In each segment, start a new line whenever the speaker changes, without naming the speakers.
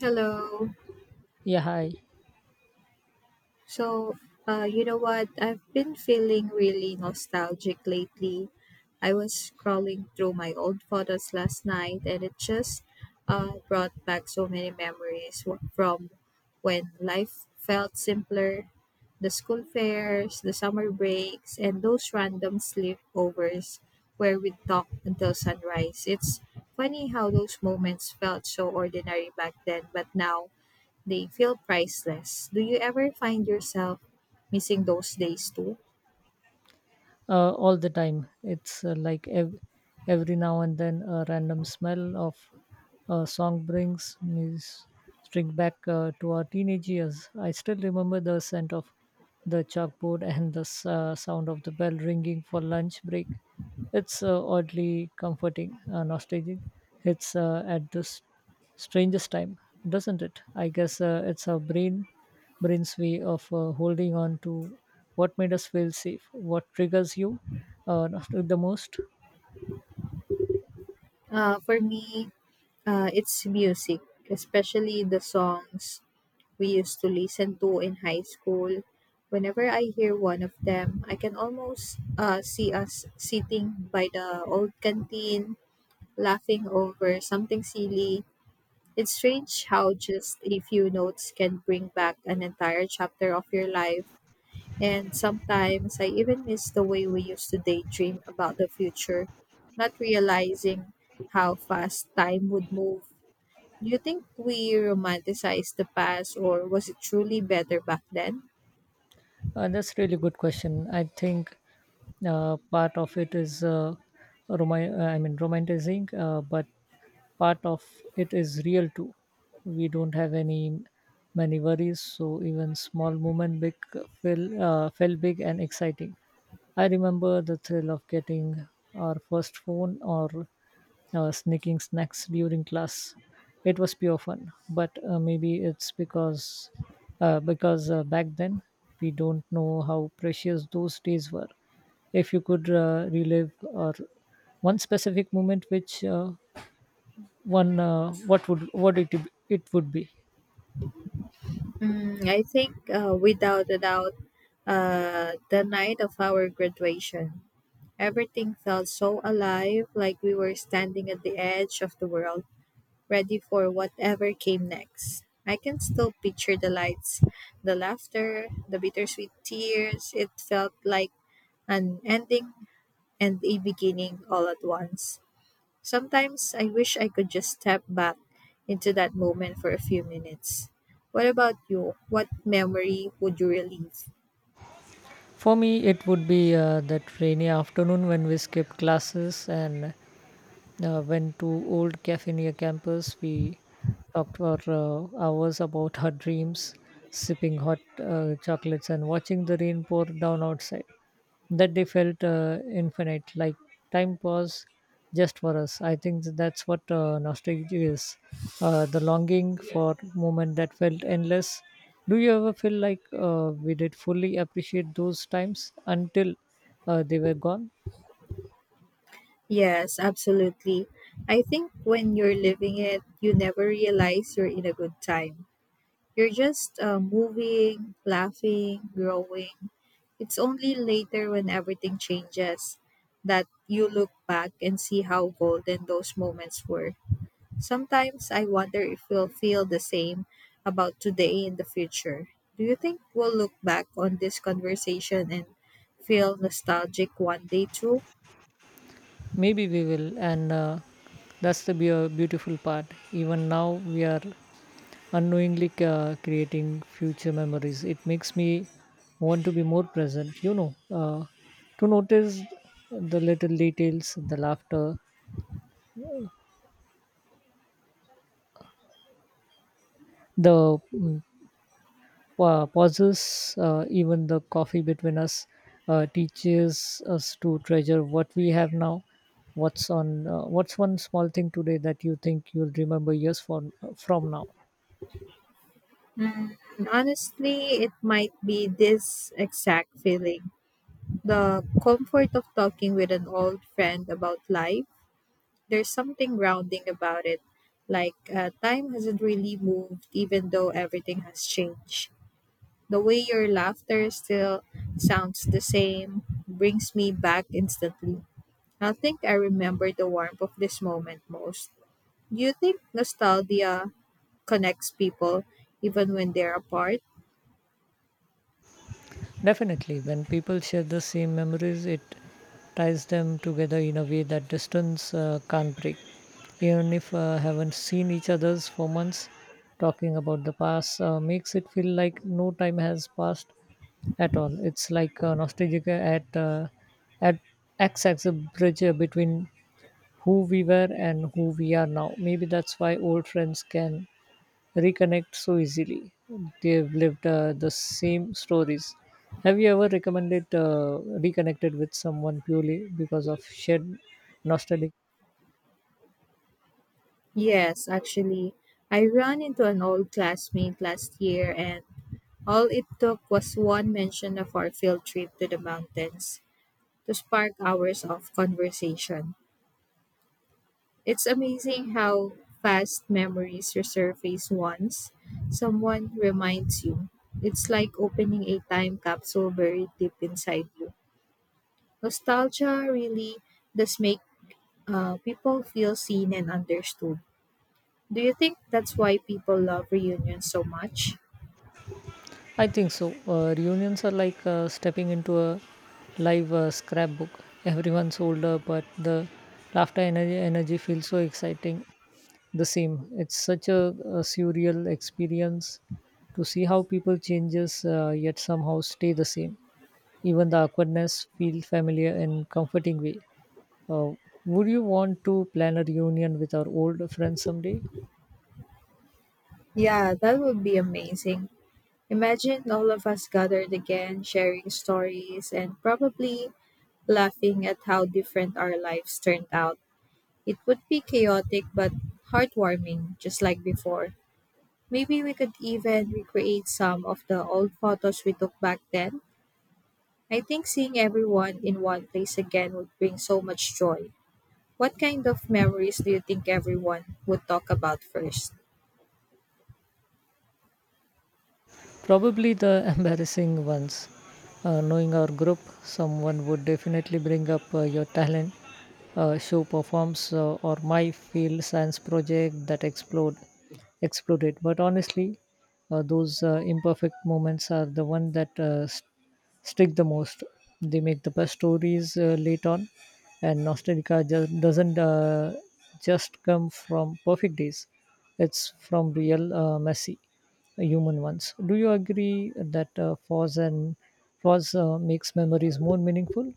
Hello.
Yeah, hi.
So, you know what? I've been feeling really nostalgic lately. I was scrolling through my old photos last night, and it just brought back so many memories from when life felt simpler, the school fairs, the summer breaks, and those random sleepovers where we'd talk until sunrise. It's funny how those moments felt so ordinary back then, but now they feel priceless. Do you ever find yourself missing those days too?
All the time. It's like every now and then a random smell of a song brings me string back to our teenage years. I still remember the scent of the chalkboard and the sound of the bell ringing for lunch break. It's oddly comforting, nostalgic. It's at this strangest time, doesn't it? I guess it's our brain's way of holding on to what made us feel safe, what triggers you the most.
For me, it's music, especially the songs we used to listen to in high school. Whenever I hear one of them, I can almost see us sitting by the old canteen, laughing over something silly. It's strange how just a few notes can bring back an entire chapter of your life. And sometimes I even miss the way we used to daydream about the future, not realizing how fast time would move. Do you think we romanticized the past, or was it truly better back then?
And that's really good question. I think part of it is I mean romanticizing, but part of it is real too. We don't have any many worries, so even small moment, big feel felt big and exciting. I remember the thrill of getting our first phone or sneaking snacks during class. It was pure fun, but maybe it's because back then we don't know how precious those days were. If you could relive or one specific moment, which one what it would be?
Mm, I think without a doubt, the night of our graduation, everything felt so alive, like we were standing at the edge of the world, ready for whatever came next. I can still picture the lights, the laughter, the bittersweet tears. It felt like an ending and a beginning all at once. Sometimes I wish I could just step back into that moment for a few minutes. What about you? What memory would you relive?
For me, it would be that rainy afternoon when we skipped classes and went to old cafe near campus. We talked for hours about our dreams, sipping hot chocolates and watching the rain pour down outside. That day felt infinite, like time paused just for us. I think that's what nostalgia is the longing for moment that felt endless. Do you ever feel like we did fully appreciate those times until they were gone?
Yes, absolutely. I think when you're living it, you never realize you're in a good time. You're just moving, laughing, growing. It's only later, when everything changes, that you look back and see how golden those moments were. Sometimes I wonder if we'll feel the same about today in the future. Do you think we'll look back on this conversation and feel nostalgic one day too?
Maybe we will, and that's the beautiful part. Even now, we are unknowingly creating future memories. It makes me want to be more present, you know, to notice the little details, the laughter, the pauses, even the coffee between us teaches us to treasure what we have now. What's on? What's one small thing today that you think you'll remember years from now?
And honestly, it might be this exact feeling, the comfort of talking with an old friend about life. There's something grounding about it. Like time hasn't really moved, even though everything has changed. The way your laughter still sounds the same brings me back instantly. I think I remember the warmth of this moment most. Do you think nostalgia connects people even when they're apart?
Definitely, when people share the same memories, it ties them together in a way that distance can't break. Even if haven't seen each other's for months, talking about the past makes it feel like no time has passed at all. It's like nostalgia at acts as a bridge between who we were and who we are now. Maybe that's why old friends can reconnect so easily. They've lived the same stories. Have you ever recommended reconnected with someone purely because of shared nostalgia?
Yes, actually. I ran into an old classmate last year, and all it took was one mention of our field trip to the mountains to spark hours of conversation. It's amazing how fast memories resurface once someone reminds you. It's like opening a time capsule buried deep inside you. Nostalgia really does make people feel seen and understood. Do you think that's why people love reunions so much?
I think so. Reunions are like stepping into a live scrapbook. Everyone's older, but the laughter energy feels so exciting. The same. It's such a surreal experience to see how people changes yet somehow stay the same. Even the awkwardness feel familiar and comforting way. Uh, would you want to plan a reunion with our old friends someday?
Yeah, that would be amazing. Imagine all of us gathered again, sharing stories and probably laughing at how different our lives turned out. It would be chaotic but heartwarming, just like before. Maybe we could even recreate some of the old photos we took back then. I think seeing everyone in one place again would bring so much joy. What kind of memories do you think everyone would talk about first?
Probably the embarrassing ones. Knowing our group, someone would definitely bring up your talent, show performs, or my field science project that exploded. But honestly, those imperfect moments are the one that stick the most. They make the best stories late on, and nostalgia just doesn't just come from perfect days. It's from real messy human ones. Do you agree that pause makes memories more meaningful?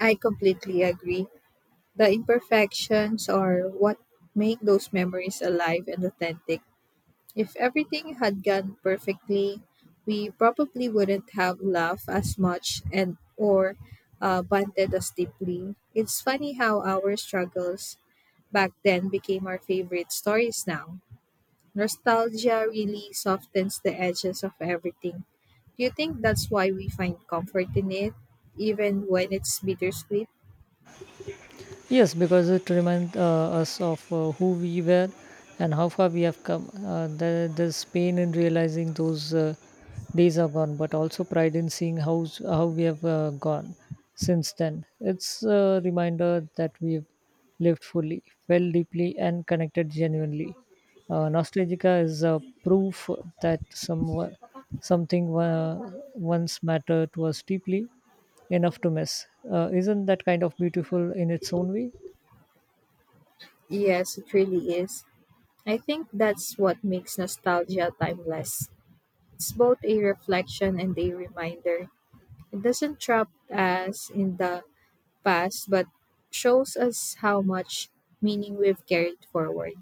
I completely agree. The imperfections are what make those memories alive and authentic. If everything had gone perfectly, we probably wouldn't have laughed as much and or bonded as deeply. It's funny how our struggles back then became our favorite stories now. Nostalgia really softens the edges of everything. Do you think that's why we find comfort in it, even when it's bittersweet?
Yes, because it reminds us of who we were and how far we have come. There's pain in realizing those days are gone, but also pride in seeing how we have gone since then. It's a reminder that we've lived fully, felt deeply, and connected genuinely. Nostalgica is a proof that something once mattered to us deeply enough to miss. Isn't that kind of beautiful in its own way?
Yes, it really is. I think that's what makes nostalgia timeless. It's both a reflection and a reminder. It doesn't trap us in the past, but shows us how much meaning we've carried forward.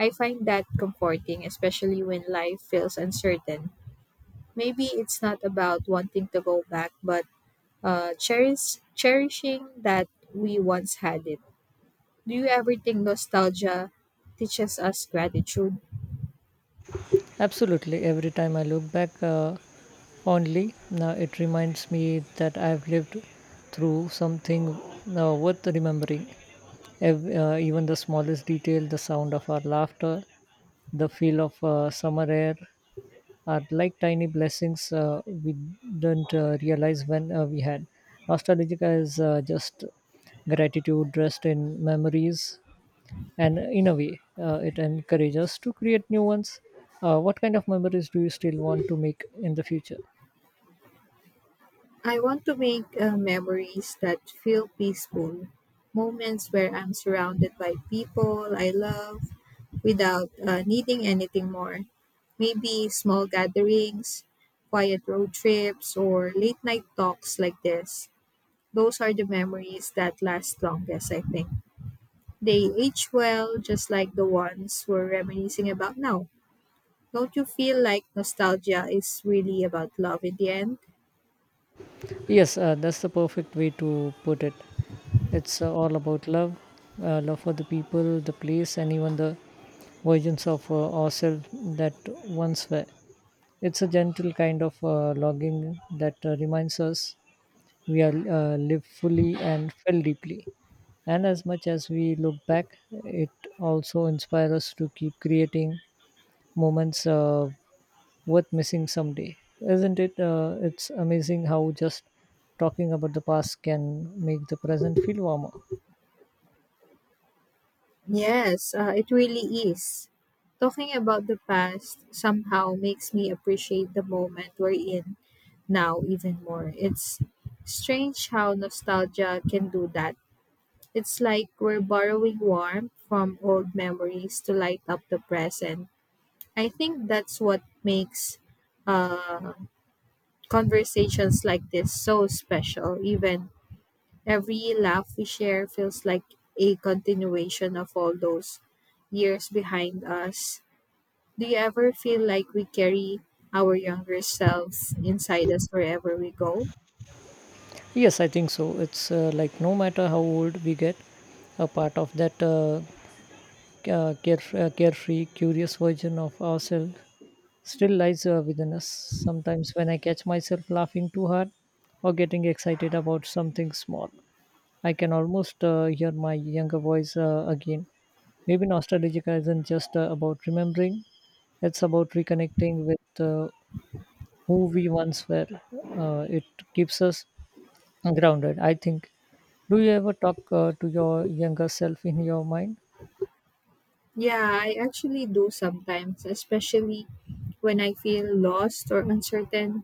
I find that comforting, especially when life feels uncertain. Maybe it's not about wanting to go back, but cherishing that we once had it. Do you ever think nostalgia teaches us gratitude?
Absolutely. Every time I look back only, now it reminds me that I've lived through something worth remembering. Even the smallest detail, the sound of our laughter, the feel of summer air are like tiny blessings we didn't realize when we had. Nostalgia is just gratitude dressed in memories and in a way, it encourages us to create new ones. What kind of memories do you still want to make in the future?
I want to make memories that feel peaceful, moments where I'm surrounded by people I love without needing anything more. Maybe small gatherings, quiet road trips, or late night talks like this. Those are the memories that last longest, I think. They age well, just like the ones we're reminiscing about now. Don't you feel like nostalgia is really about love in the end?
Yes, that's the perfect way to put it. It's all about love, love for the people, the place, and even the versions of ourselves that once were. It's a gentle kind of longing that reminds us we are live fully and feel deeply. And as much as we look back, it also inspires us to keep creating moments worth missing someday. Isn't it? It's amazing how just talking about the past can make the present feel warmer.
Yes, it really is. Talking about the past somehow makes me appreciate the moment we're in now even more. It's strange how nostalgia can do that. It's like we're borrowing warmth from old memories to light up the present. I think that's what makes uh, conversations like this so special. Even every laugh we share feels like a continuation of all those years behind us. Do you ever feel like we carry our younger selves inside us wherever we go?
Yes, I think so. It's like no matter how old we get, a part of that c- uh, carefree, curious version of ourselves still lies within us. Sometimes when I catch myself laughing too hard or getting excited about something small, I can almost hear my younger voice again. Maybe nostalgia isn't just about remembering, it's about reconnecting with who we once were. It keeps us grounded, I think. Do you ever talk to your younger self in your mind?
Yeah, I actually do sometimes, especially when I feel lost or uncertain.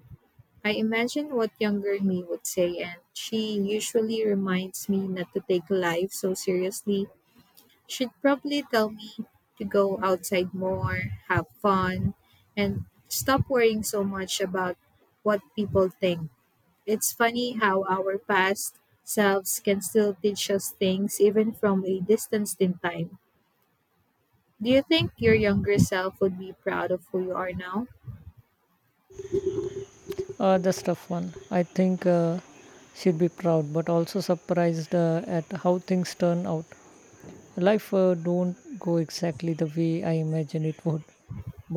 I imagine what younger me would say, and she usually reminds me not to take life so seriously. She'd probably tell me to go outside more, have fun, and stop worrying so much about what people think. It's funny how our past selves can still teach us things even from a distance in time. Do you think your younger self would be proud of who you are now?
That's tough one. I think she'd be proud, but also surprised at how things turn out. Life don't go exactly the way I imagine it would,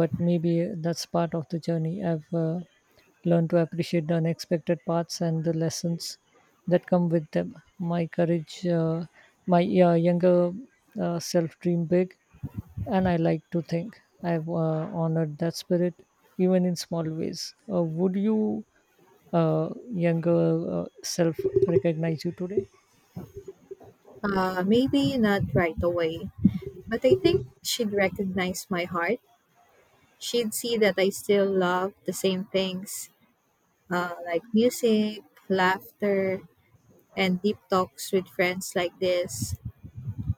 but maybe that's part of the journey. I've learned to appreciate the unexpected parts and the lessons that come with them. My courage, my younger self dream big, and I like to think I've honored that spirit even in small ways. Would you younger self recognize you today?
Maybe not right away, but I think she'd recognize my heart. She'd see that I still love the same things, like music, laughter, and deep talks with friends like this.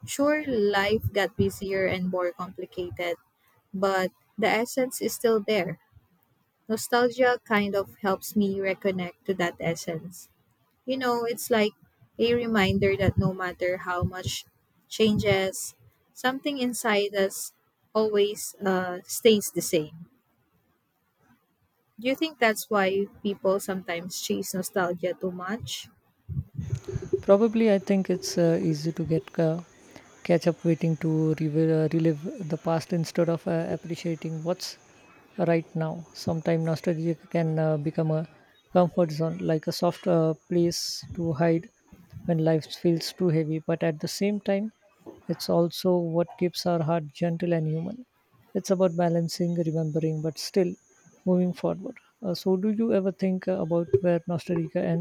Sure, life got busier and more complicated, but the essence is still there. Nostalgia kind of helps me reconnect to that essence. You know, it's like a reminder that no matter how much changes, something inside us always stays the same. Do you think that's why people sometimes chase nostalgia too much?
Probably. I think it's easy to get catch up waiting to relive the past instead of appreciating what's right now. Sometimes nostalgia can become a comfort zone, like a soft place to hide when life feels too heavy. But at the same time, it's also what keeps our heart gentle and human. It's about balancing, remembering, but still moving forward. So, do you ever think about where nostalgia ends?